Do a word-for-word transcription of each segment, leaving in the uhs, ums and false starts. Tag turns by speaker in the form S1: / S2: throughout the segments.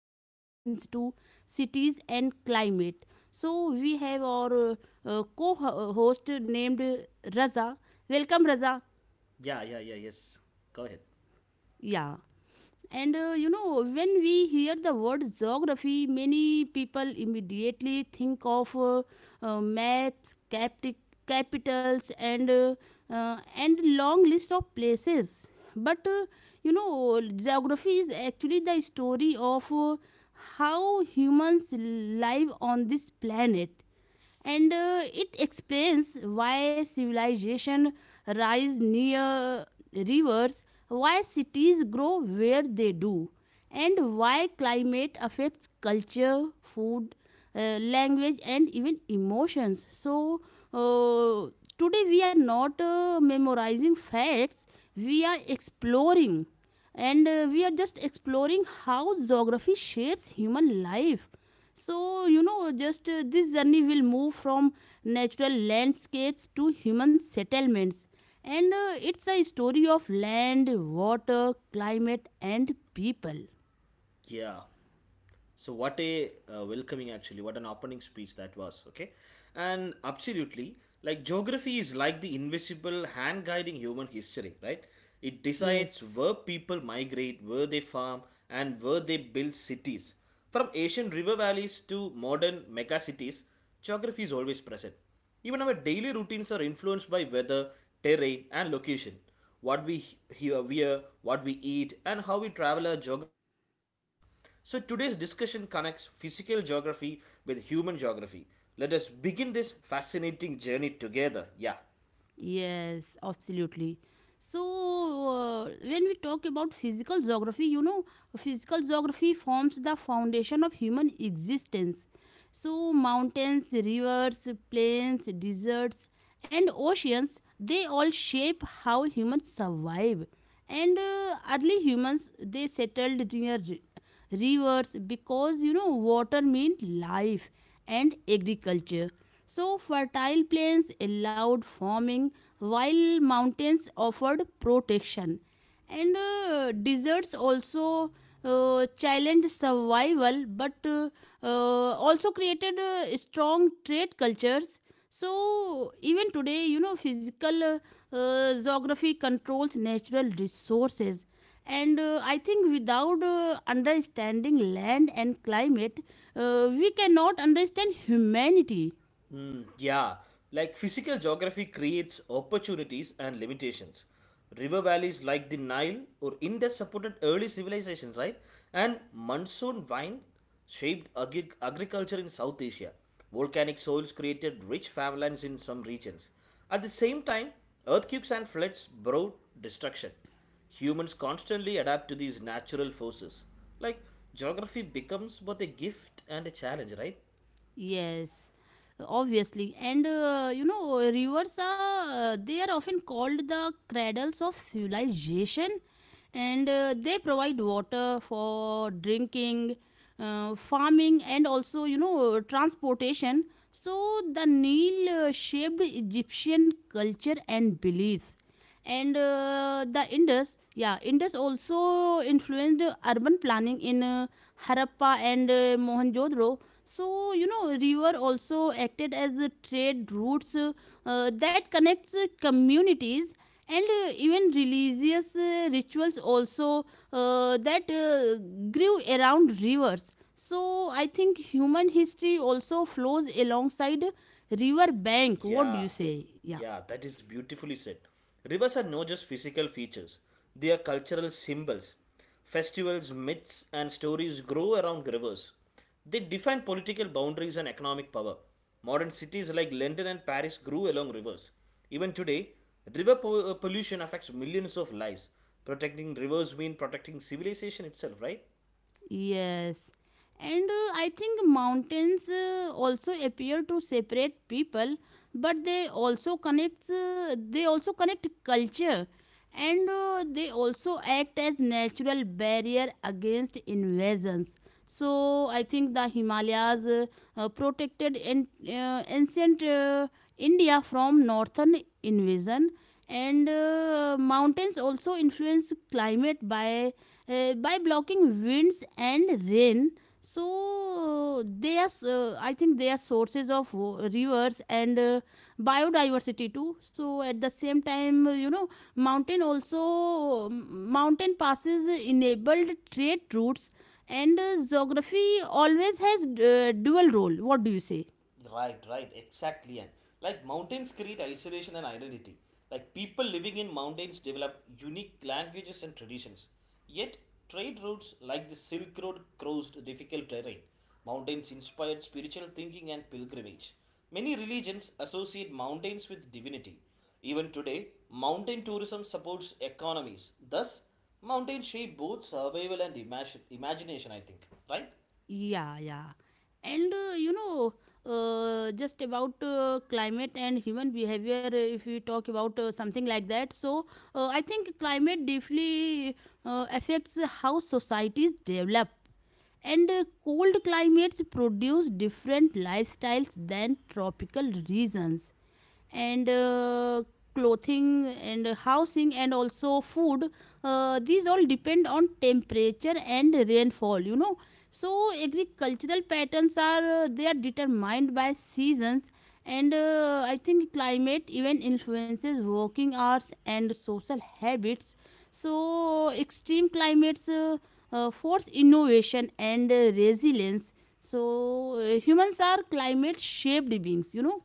S1: and mountains to cities and climate. So we have our uh, uh, co-host named Raza. Welcome Raza.
S2: Yeah, yeah, yeah, yes. Go ahead.
S1: Yeah. And uh, you know, when we hear the word geography, many people immediately think of uh, uh, maps, capti- capitals, and uh, uh, and long list of places. But uh, you know, geography is actually the story of uh, how humans live on this planet, and uh, it explains why civilization rise near rivers, why cities grow where they do, and why climate affects culture, food, uh, language, and even emotions. So uh, today we are not uh, memorizing facts, we are exploring. And uh, we are just exploring how geography shapes human life. So, you know, just uh, this journey will move from natural landscapes to human settlements. And uh, it's a story of land, water, climate, and people.
S2: Yeah. So what a uh, welcoming actually, what an opening speech that was, okay? And absolutely, like geography is like the invisible hand guiding human history, right? It decides
S1: Yes,
S2: where people migrate, where they farm, and where they build cities. From ancient river valleys to modern mega cities, geography is always present. Even our daily routines are influenced by weather, terrain, and location. What we hear, wear, what we eat, and how we travel are geographical decisions. So today's discussion connects physical geography with human geography. Let us begin this fascinating journey together. Yeah.
S1: yes, absolutely. So, uh, when we talk about physical geography, you know, physical geography forms the foundation of human existence. So, mountains, rivers, plains, deserts, and oceans, they all shape how humans survive. And uh, early humans, they settled near ri- rivers because, you know, water meant life and agriculture. So, fertile plains allowed farming, while mountains offered protection, and uh, deserts also uh, challenged survival, but uh, uh, also created uh, strong trade cultures. So even today, you know, physical uh, uh, geography controls natural resources. And uh, I think without uh, understanding land and climate, uh, we cannot understand humanity.
S2: Yeah, like physical geography creates opportunities and limitations. River valleys like the Nile or Indus supported early civilizations, right? And monsoon vines shaped agri- agriculture in South Asia. Volcanic soils created rich farmlands in some regions. At the same time, earthquakes and floods brought destruction. Humans constantly adapt to these natural forces. Like, geography becomes both a gift and a challenge, right?
S1: Yes, obviously. And uh, you know, rivers are, uh, they are often called the cradles of civilization, and uh, they provide water for drinking, uh, farming, and also, you know, transportation. So the Nile uh, shaped Egyptian culture and beliefs, and uh, the Indus, yeah, Indus also influenced urban planning in uh, Harappa and uh, Mohenjo-Daro. So you know, river also acted as a trade routes, uh, uh, that connects uh, communities, and uh, even religious uh, rituals also, uh, that uh, grew around rivers. So I think human history also flows alongside river bank. What do you
S2: Yeah,
S1: say? Yeah,
S2: yeah, that is beautifully said. Rivers are not just physical features, they are cultural symbols. Festivals, myths, and stories grow around rivers. They define political boundaries and economic power. Modern cities like London and Paris grew along rivers. Even today, river po- uh, pollution affects millions of lives. Protecting rivers means protecting civilization itself, right?
S1: yes. And uh, I think mountains uh, also appear to separate people, but they also connect, uh, they also connect culture. And uh, they also act as natural barrier against invasions. So I think the Himalayas uh, uh, protected an, uh, ancient uh, India from northern invasion, and uh, mountains also influence climate by uh, by blocking winds and rain. So uh, they are, uh, I think, they are sources of wa- rivers and uh, biodiversity too. So at the same time, uh, you know, mountain also mountain passes enabled trade routes. And uh, geography always has uh, dual role. What do you say?
S2: Right, right, exactly. And like mountains create isolation and identity. Like people living in mountains develop unique languages and traditions. Yet, trade routes like the Silk Road crossed difficult terrain. Mountains inspired spiritual thinking and pilgrimage. Many religions associate mountains with divinity. Even today, mountain tourism supports economies. Thus, mountains shape both survival and imagine, imagination, I think. Right?
S1: Yeah, yeah. And uh, you know, uh, just about uh, climate and human behavior, uh, if we talk about uh, something like that, so uh, I think climate deeply uh, affects how societies develop. And uh, cold climates produce different lifestyles than tropical regions. And uh, clothing and housing and also food, uh, these all depend on temperature and rainfall, you know. So agricultural patterns are, uh, they are determined by seasons. And uh, I think climate even influences working hours and social habits. So extreme climates uh, uh, force innovation and uh, resilience. So uh, humans are climate shaped beings, you know.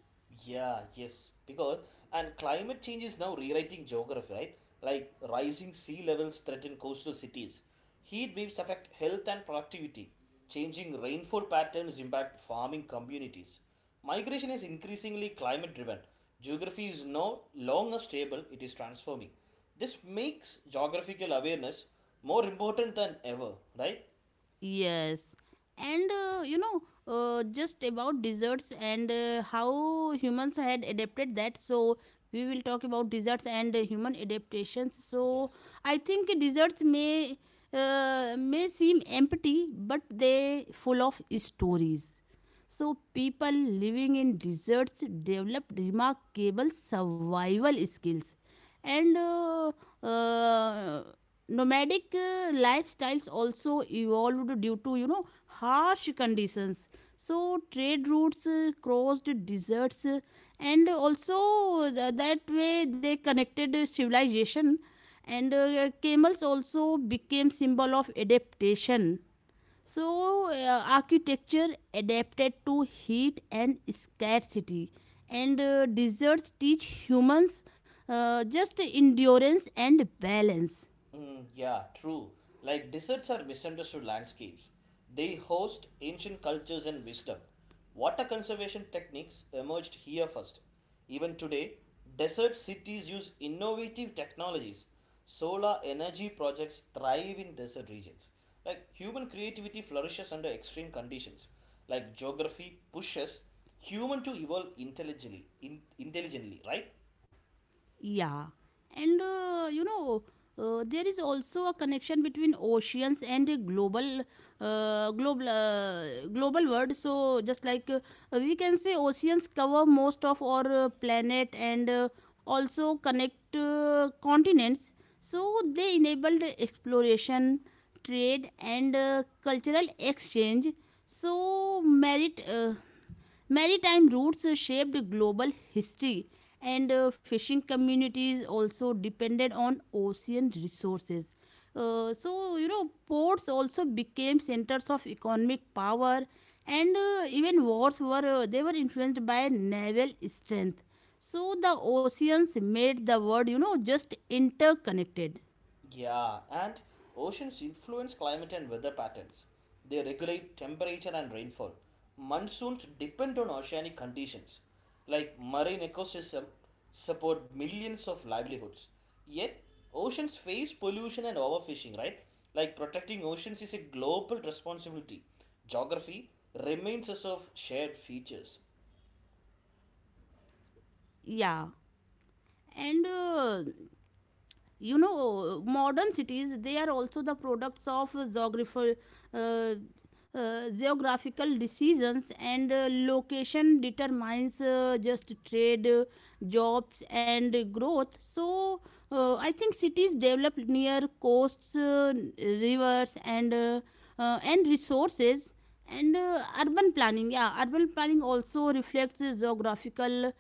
S2: Yeah, yes, because and climate change is now rewriting geography, right? Like rising sea levels threaten coastal cities. Heat waves affect health and productivity. Changing rainfall patterns impact farming communities. Migration is increasingly climate driven. Geography is no longer stable, it is transforming. This makes geographical awareness more important than ever, right?
S1: Yes, and uh, you know, uh, just about desserts and uh, how humans had adapted that. So, we will talk about desserts and uh, human adaptations. So,
S2: Yes.
S1: I think desserts may uh, may seem empty, but they full of stories. So, people living in deserts developed remarkable survival skills, and uh, uh, nomadic uh, lifestyles also evolved due to, you know, harsh conditions. So trade routes uh, crossed deserts, uh, and also th- that way they connected uh, civilization. And uh, camels also became symbol of adaptation. So uh, architecture adapted to heat and scarcity. And uh, deserts teach humans uh, just endurance and balance.
S2: Mm, yeah, true. Like deserts are misunderstood landscapes. They host ancient cultures and wisdom. Water conservation techniques emerged here first. Even today, desert cities use innovative technologies. Solar energy projects thrive in desert regions. Like human creativity flourishes under extreme conditions. Like geography pushes human to evolve intelligently, in, intelligently, right?
S1: Yeah, and uh, you know, uh, there is also a connection between oceans and a global, uh, global, uh, global world. So just like, uh, we can say, oceans cover most of our uh, planet, and uh, also connect uh, continents. So they enabled exploration, trade, and uh, cultural exchange. So merit. Uh, Maritime routes shaped global history, and uh, fishing communities also depended on ocean resources. Uh, so, you know, ports also became centers of economic power, and uh, even wars were, uh, they were influenced by naval strength. So, the oceans made the world, you know, just interconnected.
S2: Yeah, and oceans influence climate and weather patterns. They regulate temperature and rainfall. Monsoons depend on oceanic conditions. Like marine ecosystem support millions of livelihoods. Yet oceans face pollution and overfishing, right? Like protecting oceans is a global responsibility. Geography remains as of shared features.
S1: Yeah, and uh, you know, modern cities, they are also the products of geography, uh, uh, geographical decisions. And uh, location determines uh, just trade, uh, jobs, and growth. So uh, I think cities develop near coasts, uh, rivers, and uh, uh, and resources. And uh, urban planning, yeah, urban planning also reflects uh, geographical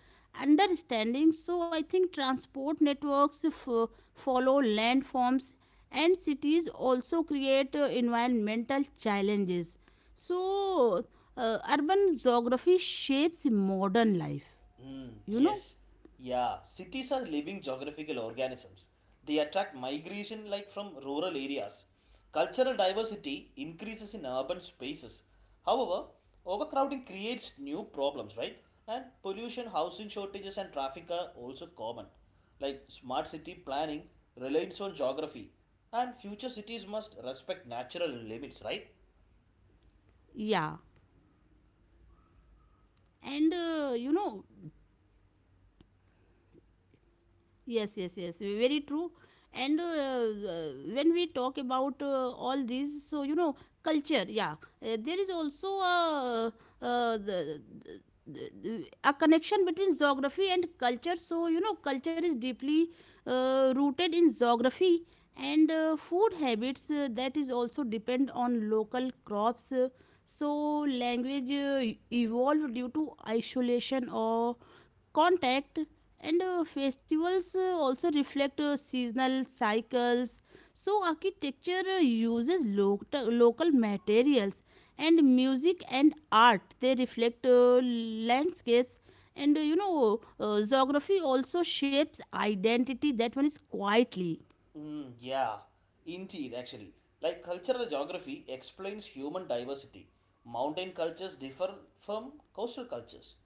S1: understanding. So I think transport networks f- follow landforms, and cities also create uh, environmental challenges. So uh, urban geography shapes modern life,
S2: Mm,
S1: you know.
S2: yes, yeah. Cities are living geographical organisms. They attract migration like from rural areas. Cultural diversity increases in urban spaces. However, overcrowding creates new problems, right? And pollution, housing shortages, and traffic are also common. Like smart city planning relies on geography, and future cities must respect natural limits, right?
S1: Yeah, and uh, you know yes, yes, yes, very true. And uh, uh, when we talk about uh, all these, so you know, culture, yeah, uh, there is also a, uh, the, the- the- a connection between geography and culture. So, you know, culture is deeply uh, rooted in geography. And uh, food habits, uh, that is also depend on local crops. Uh, so, language uh, evolved due to isolation or contact. And uh, festivals uh, also reflect uh, seasonal cycles. So architecture uh, uses lo- local materials, and music and art, they reflect uh, landscapes. And uh, you know uh, geography also shapes identity. That one is quietly
S2: Mm, yeah, indeed, actually. Like cultural geography explains human diversity. Mountain cultures differ from coastal cultures.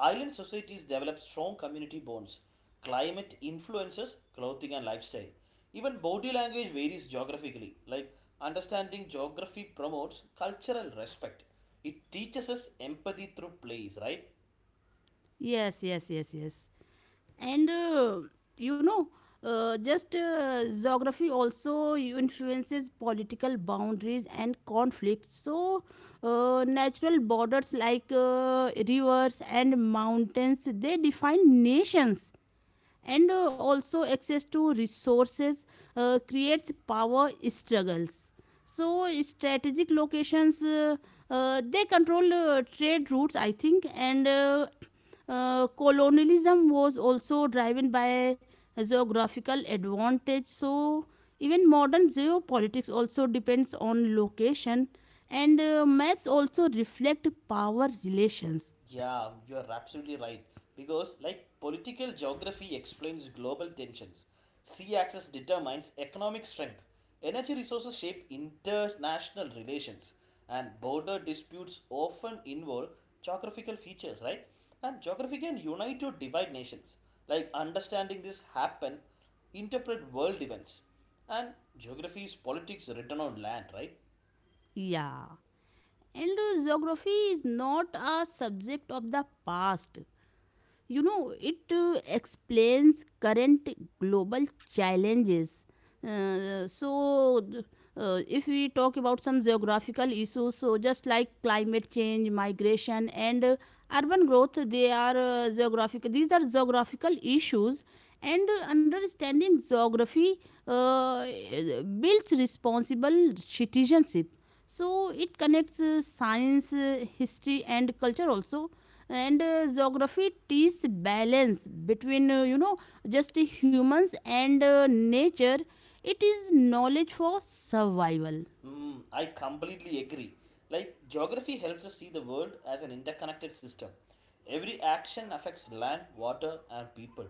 S2: Island societies develop strong community bonds. Climate influences clothing and lifestyle. Even body language varies geographically. Like understanding geography promotes cultural respect. It teaches us empathy through plays, right?
S1: yes, yes, yes, yes. And uh, you know uh, just uh, geography also influences political boundaries and conflicts. So uh, natural borders like uh, rivers and mountains, they define nations. And uh, also access to resources uh, creates power struggles. So strategic locations, uh, uh, they control uh, trade routes, I think. And uh, uh, colonialism was also driven by geographical advantage. So even modern geopolitics also depends on location. And uh, maps also reflect power relations.
S2: Yeah, you are absolutely right. Because, like, political geography explains global tensions, sea access determines economic strength, energy resources shape international relations, and border disputes often involve geographical features, right? And geography can unite or divide nations. Like, understanding this happen, interpret world events. And geography is politics written on land, right?
S1: Yeah. And geography is not a subject of the past, you know, it uh, explains current global challenges. Uh, so, th- uh, if we talk about some geographical issues, so just like climate change, migration, and uh, urban growth, they are uh, geographical. These are geographical issues, and uh, understanding geography uh, builds responsible citizenship. So it connects uh, science, uh, history, and culture also. And uh, geography teaches balance between, uh, you know, just the humans and uh, nature. It is knowledge for survival.
S2: Mm, I completely agree. Like, geography helps us see the world as an interconnected system. Every action affects land, water, and people.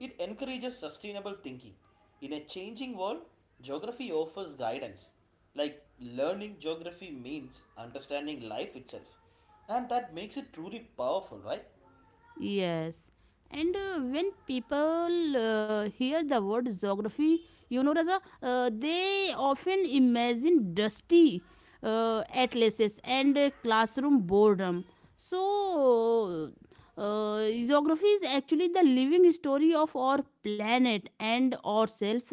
S2: It encourages sustainable thinking. In a changing world, geography offers guidance. Like, learning geography means understanding life itself. And that makes it truly powerful, right?
S1: Yes. And uh, when people uh, hear the word geography, you know, Raza, uh, they
S2: Yeah.
S1: often imagine dusty uh, atlases and uh, classroom boredom. So, uh, geography is actually the living story of our planet and ourselves.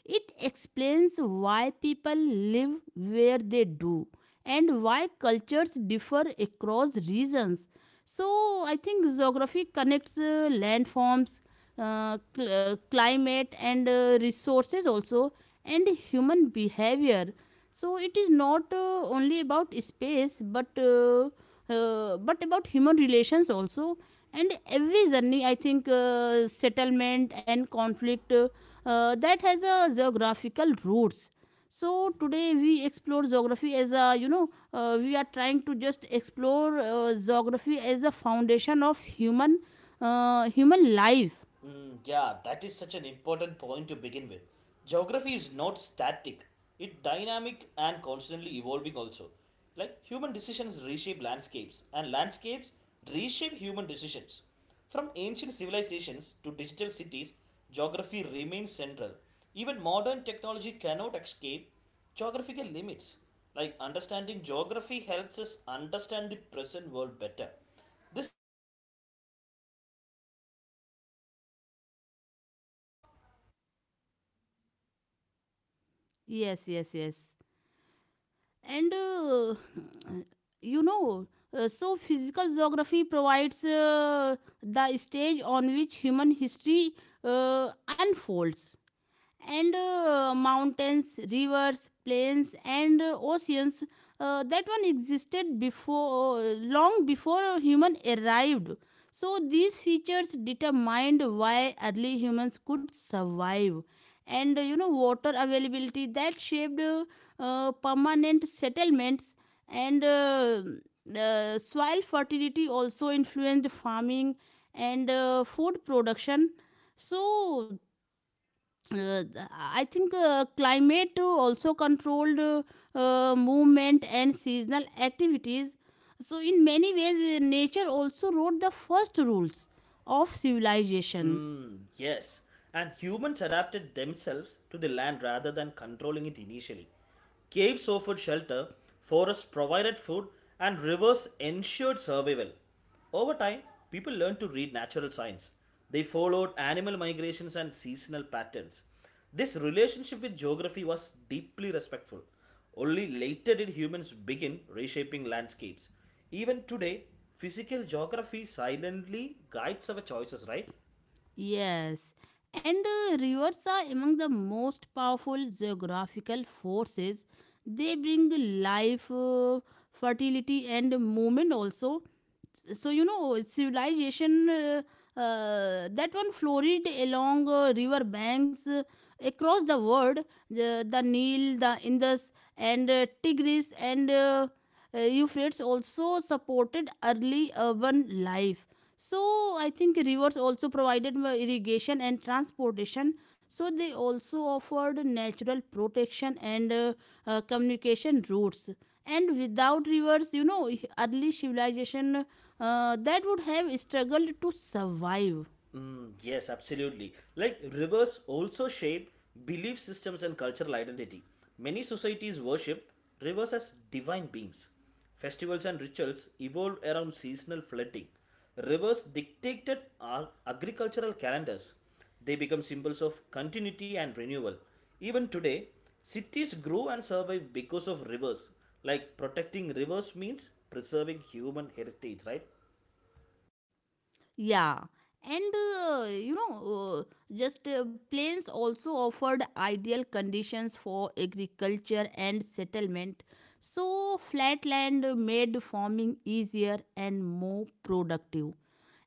S1: It explains why people live where they do and why cultures differ across regions. So, I think geography connects uh, landforms, uh, cl- uh, climate, and uh, resources also, and human behavior. So, it is not uh, only about space, but uh, uh, but about human relations also. And every journey, I think, uh, settlement and conflict, uh, uh, that has a geographical roots. So today we explore geography as a, you know, uh, we are trying to just explore uh, geography as a foundation of human uh, human life.
S2: Mm, yeah, that is such an important point to begin with. Geography is not static, it's dynamic and constantly evolving, also. Like human decisions reshape landscapes, and landscapes reshape human decisions. From ancient civilizations to digital cities, geography remains central. Even modern technology cannot escape geographical limits. Like understanding geography helps us understand the present world better. This discussion is about seeing geography as lived experience, right?
S1: Yes, yes, yes. And uh, you know uh, so physical geography provides uh, the stage on which human history uh, unfolds. And uh, mountains, rivers, plains, and uh, oceans. Uh, that one existed before, uh, long before human arrived. So these features determined why early humans could survive. And uh, you know, water availability, that shaped uh, uh, permanent settlements. And uh, uh, soil fertility also influenced farming and uh, food production. So uh, I think uh, climate also controlled uh, uh, movement and seasonal activities. So, in many ways, uh, nature also wrote the first rules of civilization.
S2: Mm, yes, and humans adapted themselves to the land rather than controlling it initially. Caves offered shelter, forests provided food, and rivers ensured survival. Over time, people learned to read natural signs. They followed animal migrations and seasonal patterns. This relationship with geography was deeply respectful. Only later did humans begin reshaping landscapes. Even today, physical geography silently guides our choices, right?
S1: Yes, and uh, rivers are among the most powerful geographical forces. They bring life, uh, fertility, and movement also. So, you know, civilization, uh, uh, that one flourished along uh, river banks uh, across the world, the, the Nile, the Indus, and uh, Tigris, and uh, uh, Euphrates also supported early urban life. So I think rivers also provided my irrigation and transportation. So they also offered natural protection and uh, uh, communication routes. And without rivers, you know, early civilization uh, that would have struggled to survive.
S2: Mm, yes, absolutely. Like rivers also shape belief systems and cultural identity. Many societies worship rivers as divine beings. Festivals and rituals evolved around seasonal flooding. Rivers dictated our agricultural calendars. They become symbols of continuity and renewal. Even today, cities grow and survive because of rivers. Like protecting rivers means preserving human heritage, right?
S1: Yeah, and uh, you know, uh, just uh, plains also offered ideal conditions for agriculture and settlement. So, flat land made farming easier and more productive.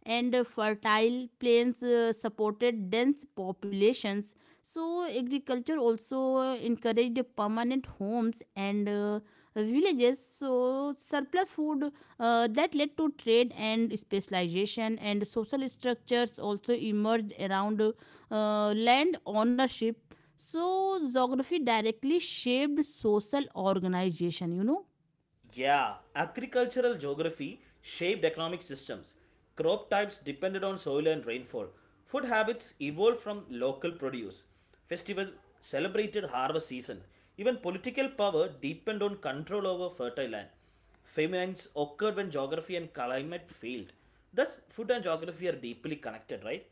S1: And uh, fertile plains uh, supported dense populations. So, agriculture also uh, encouraged permanent homes and uh, villages. So, surplus food uh, that led to trade and specialization, and social structures also emerged around uh, land ownership. So, geography directly shaped social organization, you know.
S2: Yeah, agricultural geography shaped economic systems. Crop types depended on soil and rainfall. Food habits evolved from local produce. Festival celebrated harvest seasons. Even political power depended on control over fertile land. Famines occurred when geography and climate failed. Thus, food and geography are deeply connected, right?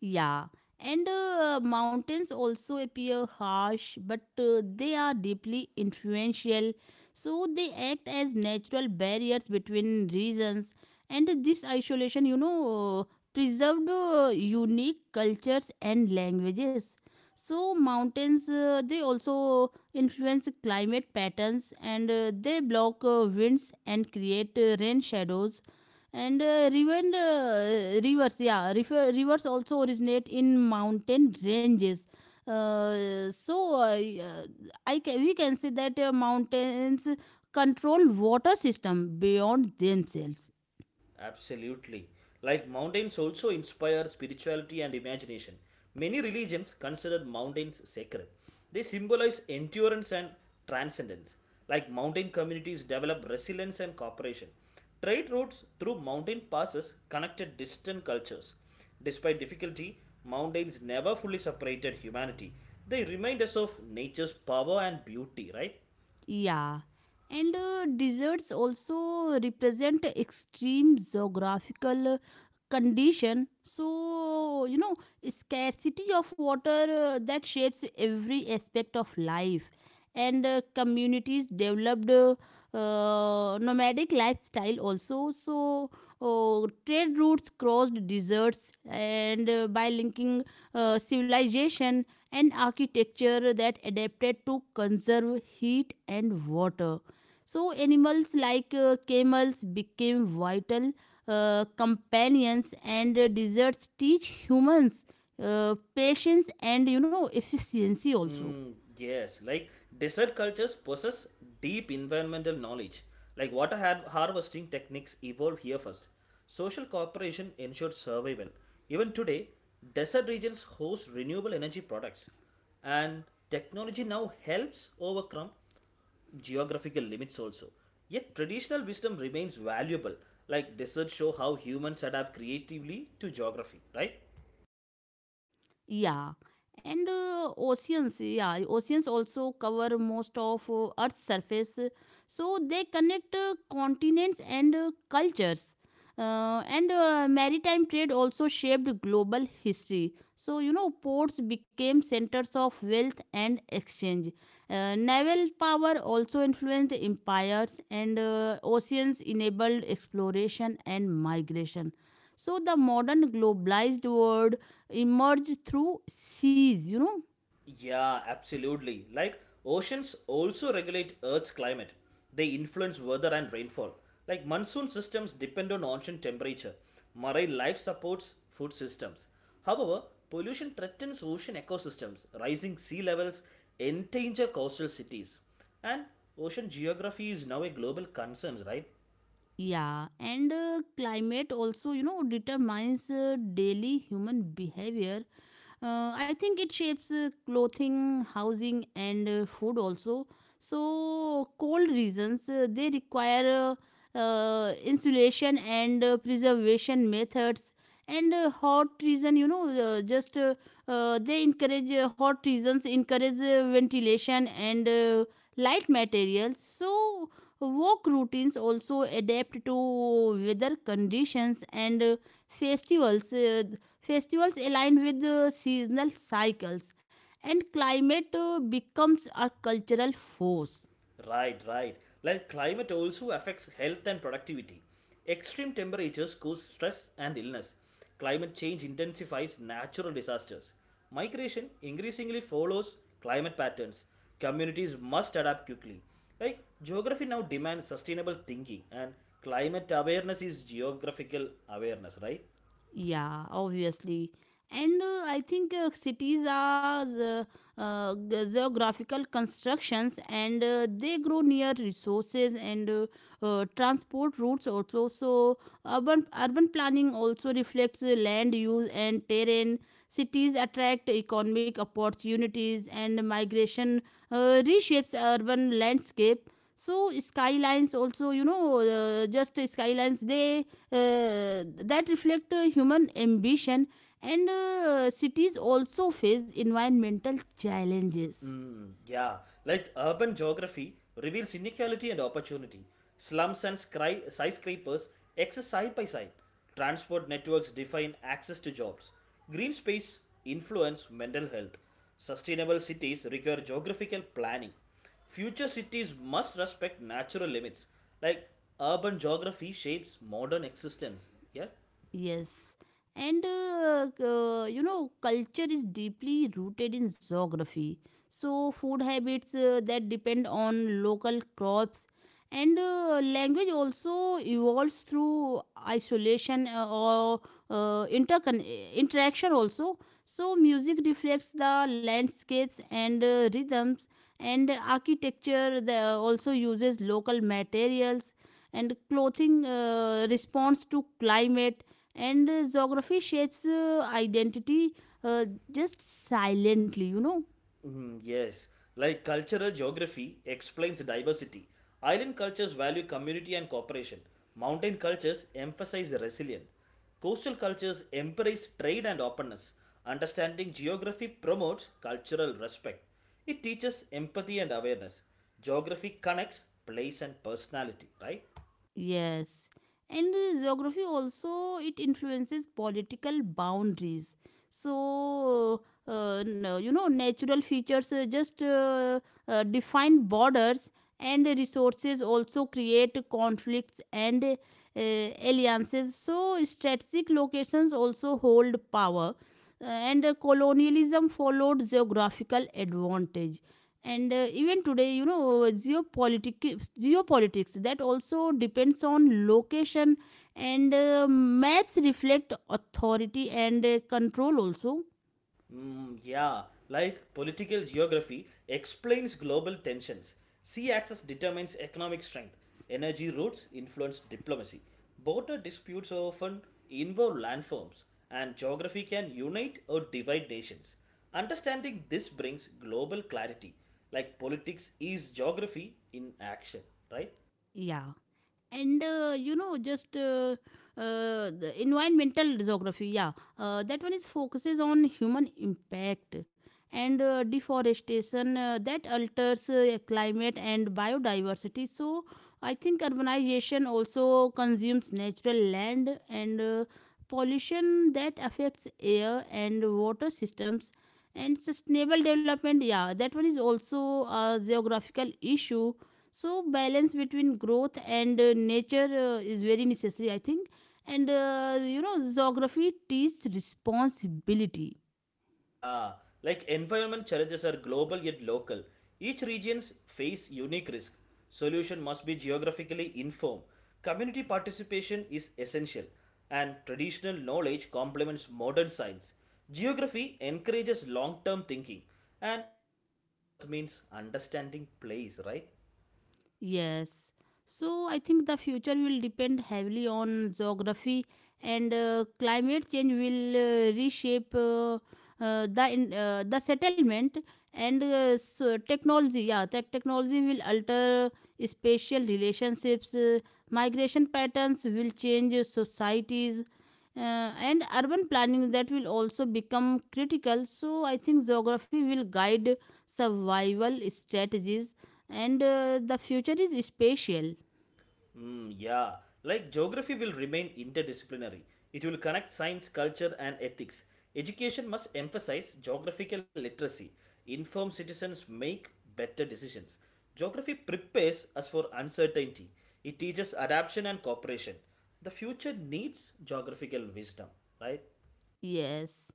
S1: Yeah, and uh, mountains also appear harsh, but uh, they are deeply influential, so they act as natural barriers between regions. And this isolation, you know, preserved uh, unique cultures and languages. So mountains, uh, they also influence climate patterns, and uh, they block uh, winds and create uh, rain shadows and uh, even uh, rivers, yeah, river rivers also originate in mountain ranges, uh, so uh, uh, I ca- we can say that uh, mountains control water system beyond themselves.
S2: Absolutely. Like mountains also inspire spirituality and imagination. Many religions consider mountains sacred. They symbolize endurance and transcendence. Like mountain communities develop resilience and cooperation. Trade routes through mountain passes connected distant cultures. Despite difficulty, mountains never fully separated humanity. They remind us of nature's power and beauty, right?
S1: Yeah, and uh, deserts also represent extreme geographical uh, condition. So, you know, scarcity of water uh, that shapes every aspect of life, and uh, communities developed uh, uh, nomadic lifestyle also. So, uh trade routes crossed deserts and uh, by linking uh, civilization and architecture that adapted to conserve heat and water. So, animals like uh, camels became vital uh, companions, and uh, deserts teach humans uh, patience and you know efficiency also.
S2: Mm, yes, like desert cultures possess deep environmental knowledge. Like water har- harvesting techniques evolved here first. Social cooperation ensured survival. Even today, desert regions host renewable energy products, and technology now helps overcome geographical limits also. Yet traditional wisdom remains valuable. Like deserts show how humans adapt creatively to geography, right?
S1: Yeah, and uh, oceans, yeah, oceans also cover most of uh, Earth's surface, uh, so they connect uh, continents and uh, cultures. Uh, and uh, Maritime trade also shaped global history. So, you know, ports became centers of wealth and exchange. Uh, naval power also influenced empires, and uh, oceans enabled exploration and migration. So, the modern globalized world emerge through seas, you know.
S2: Yeah, absolutely. Like oceans also regulate Earth's climate. They influence weather and rainfall. Like monsoon systems depend on ocean temperature. Marine life supports food systems. However, pollution threatens ocean ecosystems. Rising sea levels endanger coastal cities. And ocean geography is now a global concern, right?
S1: Yeah, and uh, climate also, you know, determines uh, daily human behavior. Uh, I think it shapes uh, clothing, housing, and uh, food also. So, cold regions uh, they require uh, uh, insulation and uh, preservation methods, and uh, hot region, you know, uh, just uh, uh, they encourage uh, hot regions encourage uh, ventilation and uh, light materials. So, work routines also adapt to weather conditions and uh, festivals. Uh, Festivals align with uh, seasonal cycles, and climate uh, becomes a cultural force.
S2: Right, right. Like climate also affects health and productivity. Extreme temperatures cause stress and illness. Climate change intensifies natural disasters. Migration increasingly follows climate patterns. Communities must adapt quickly. Like geography now demands sustainable thinking and climate awareness is geographical awareness, right?
S1: Yeah, obviously. And uh, I think uh, cities are the, uh, ge- geographical constructions and uh, they grow near resources and uh, uh, transport routes also. So, urban, urban planning also reflects uh, land use and terrain. Cities attract economic opportunities and migration uh, reshapes urban landscape, so skylines also, you know, uh, just skylines they uh, that reflect uh, human ambition, and uh, cities also face environmental challenges.
S2: Yeah, like urban geography reveals inequality and opportunity. Slums and scry- skyscrapers exist side by side. Transport networks define access to jobs. Green space influence mental health. Sustainable cities require geographical planning. Future cities must respect natural limits. Like urban geography shapes modern existence. Yeah.
S1: Yes. And uh, uh, you know, culture is deeply rooted in geography. So, food habits uh, that depend on local crops, and uh, language also evolves through isolation uh, or uh, intercon- interaction also. So, music reflects the landscapes and uh, rhythms, and architecture the, also uses local materials, and clothing uh, responds to climate, and uh, geography shapes uh, identity uh, just silently, you know.
S2: Mm, yes, like cultural geography explains diversity. Island cultures value community and cooperation. Mountain cultures emphasize resilience. Coastal cultures embrace trade and openness. Understanding geography promotes cultural respect. It teaches empathy and awareness. Geography connects place and personality, right?
S1: Yes, and uh, geography also it influences political boundaries. So uh, no, You know, natural features uh, just uh, uh, define borders, and resources also create conflicts and uh, alliances. So strategic locations also hold power. Uh, and uh, Colonialism followed geographical advantage, and uh, even today, you know, geopolitics geopolitics that also depends on location, and uh, maps reflect authority and uh, control also.
S2: Mm, yeah, like political geography explains global tensions. Sea access determines economic strength. Energy routes influence diplomacy. Border disputes often involve landforms, and geography can unite or divide nations. Understanding this brings global clarity, like politics is geography in action, right?
S1: Yeah, and uh, you know just uh, uh, the environmental geography, yeah, uh, that one is focuses on human impact, and uh, deforestation uh, that alters uh, climate and biodiversity. So, I think urbanization also consumes natural land, and uh, pollution that affects air and water systems, and sustainable development, yeah, that one is also a geographical issue. So balance between growth and uh, nature uh, is very necessary, I think. And uh, you know, geography teaches responsibility.
S2: Yeah, like environment challenges are global yet local. Each regions face unique risk. Solution must be geographically informed. Community participation is essential, and traditional knowledge complements modern science. Geography encourages long-term thinking, and protecting Earth means understanding place, right?
S1: Yes. So I think the future will depend heavily on geography, and uh, climate change will uh, reshape uh, uh, the in, uh, the settlement, and uh, so technology, yeah, tech technology will alter spatial relationships. Uh, migration patterns will change societies, uh, and urban planning that will also become critical. So I think geography will guide survival strategies, and uh, the future is spatial.
S2: Mm, yeah, like geography will remain interdisciplinary. It will connect science, culture, and ethics. Education must emphasize geographical literacy. Informed citizens make better decisions. Geography prepares us for uncertainty. It teaches adaptation and cooperation. The future needs geographical wisdom, right?
S1: Yes,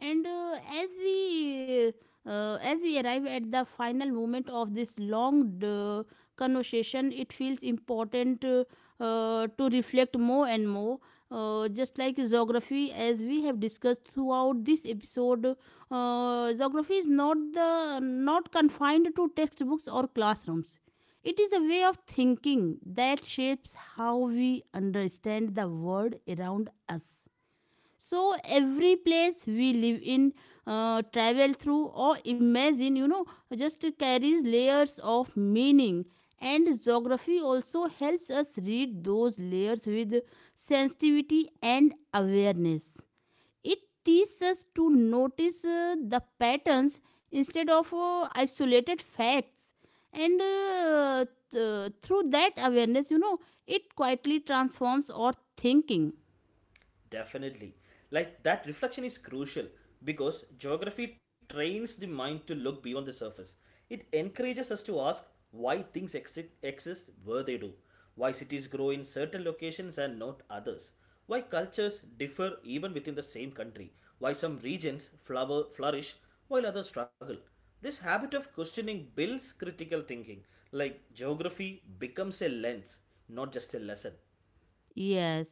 S1: and uh, as we uh, as we arrive at the final moment of this long uh, conversation, it feels important uh, uh, to reflect more and more. Uh, just like geography, as we have discussed throughout this episode, uh, geography is not the not confined to textbooks or classrooms. It is a way of thinking that shapes how we understand the world around us. So every place we live in, uh, travel through, or imagine, you know, just carries layers of meaning. And geography also helps us read those layers with sensitivity and awareness. It teaches us to notice uh, the patterns instead of uh, isolated facts. And uh, th- through that awareness, you know, it quietly transforms our thinking.
S2: Definitely. Like that reflection is crucial because geography trains the mind to look beyond the surface. It encourages us to ask why things exi- exist where they do, why cities grow in certain locations and not others, why cultures differ even within the same country, why some regions flower, flourish while others struggle. This habit of questioning builds critical thinking, like geography becomes a lens, not just a lesson.
S1: Yes,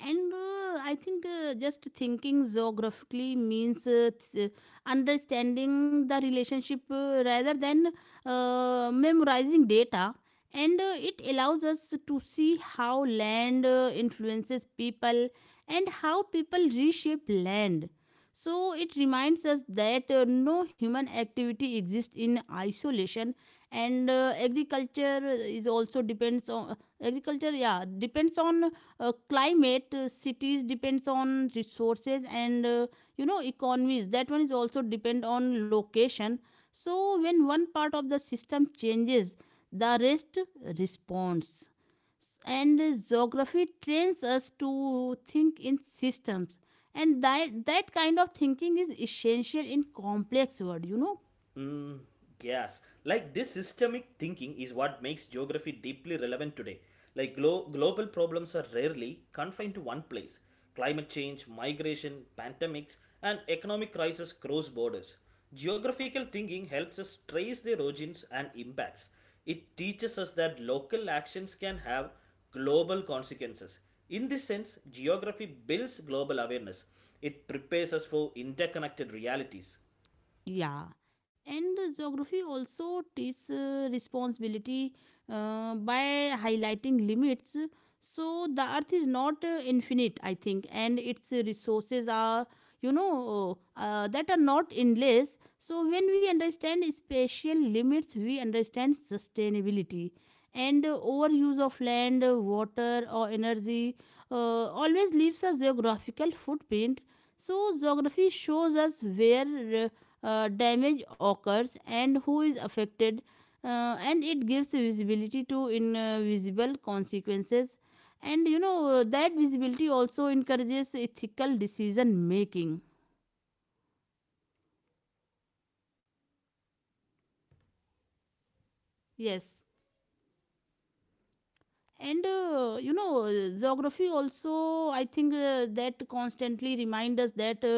S1: and uh, I think uh, just thinking geographically means uh, th- uh, understanding the relationship uh, rather than uh, memorizing data, and uh, it allows us to see how land uh, influences people and how people reshape land. So it reminds us that uh, no human activity exists in isolation, and uh, agriculture is also depends on agriculture. Yeah, depends on uh, climate. uh, Cities depends on resources and uh, you know economies. That one is also depend on location. So, when one part of the system changes, the rest responds. And geography trains us to think in systems. And that, that kind of thinking is essential in complex world, you know.
S2: Mm, yes. Like this systemic thinking is what makes geography deeply relevant today. Like glo- global problems are rarely confined to one place. Climate change, migration, pandemics, and economic crisis cross borders. Geographical thinking helps us trace their origins and impacts. It teaches us that local actions can have global consequences. In this sense, geography builds global awareness. It prepares us for interconnected realities.
S1: Yeah, and geography also teaches uh, responsibility uh, by highlighting limits. So the earth is not uh, infinite, I think, and its resources are, you know, uh, uh, that are not endless. So when we understand spatial limits, we understand sustainability, and overuse of land, water, or energy uh, always leaves a geographical footprint. So, geography shows us where uh, damage occurs and who is affected, uh, and it gives visibility to invisible consequences. And you know, that visibility also encourages ethical decision making. Yes. And uh, you know uh, geography also, I think, uh, that constantly remind us that uh,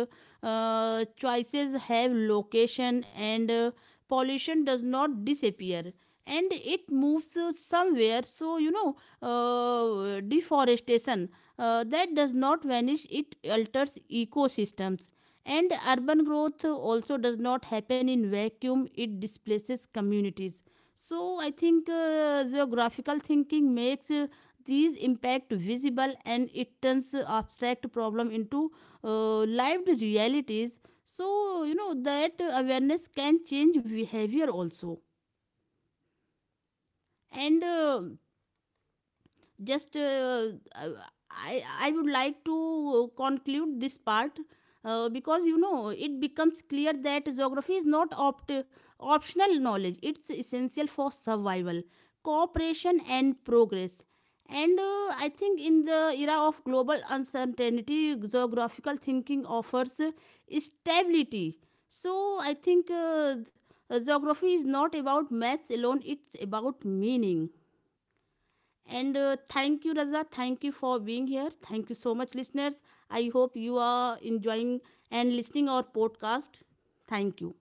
S1: uh, choices have location, and uh, pollution does not disappear, and it moves uh, somewhere. So you know, uh, deforestation uh, that does not vanish, it alters ecosystems, and urban growth also does not happen in vacuum, it displaces communities. So I think uh, geographical thinking makes uh, these impact visible, and it turns uh, abstract problem into uh, lived realities. So you know that uh, awareness can change behavior also. And uh, just uh, uh, I I would like to conclude this part, uh, because you know it becomes clear that geography is not opt- optional knowledge, it's essential for survival, cooperation and progress. And uh, I think in the era of global uncertainty, geographical thinking offers uh, stability. So I think uh, geography is not about maps alone, it's about meaning. And uh, thank you, Raza. Thank you for being here. Thank you so much, listeners. I hope you are enjoying and listening our podcast. Thank you.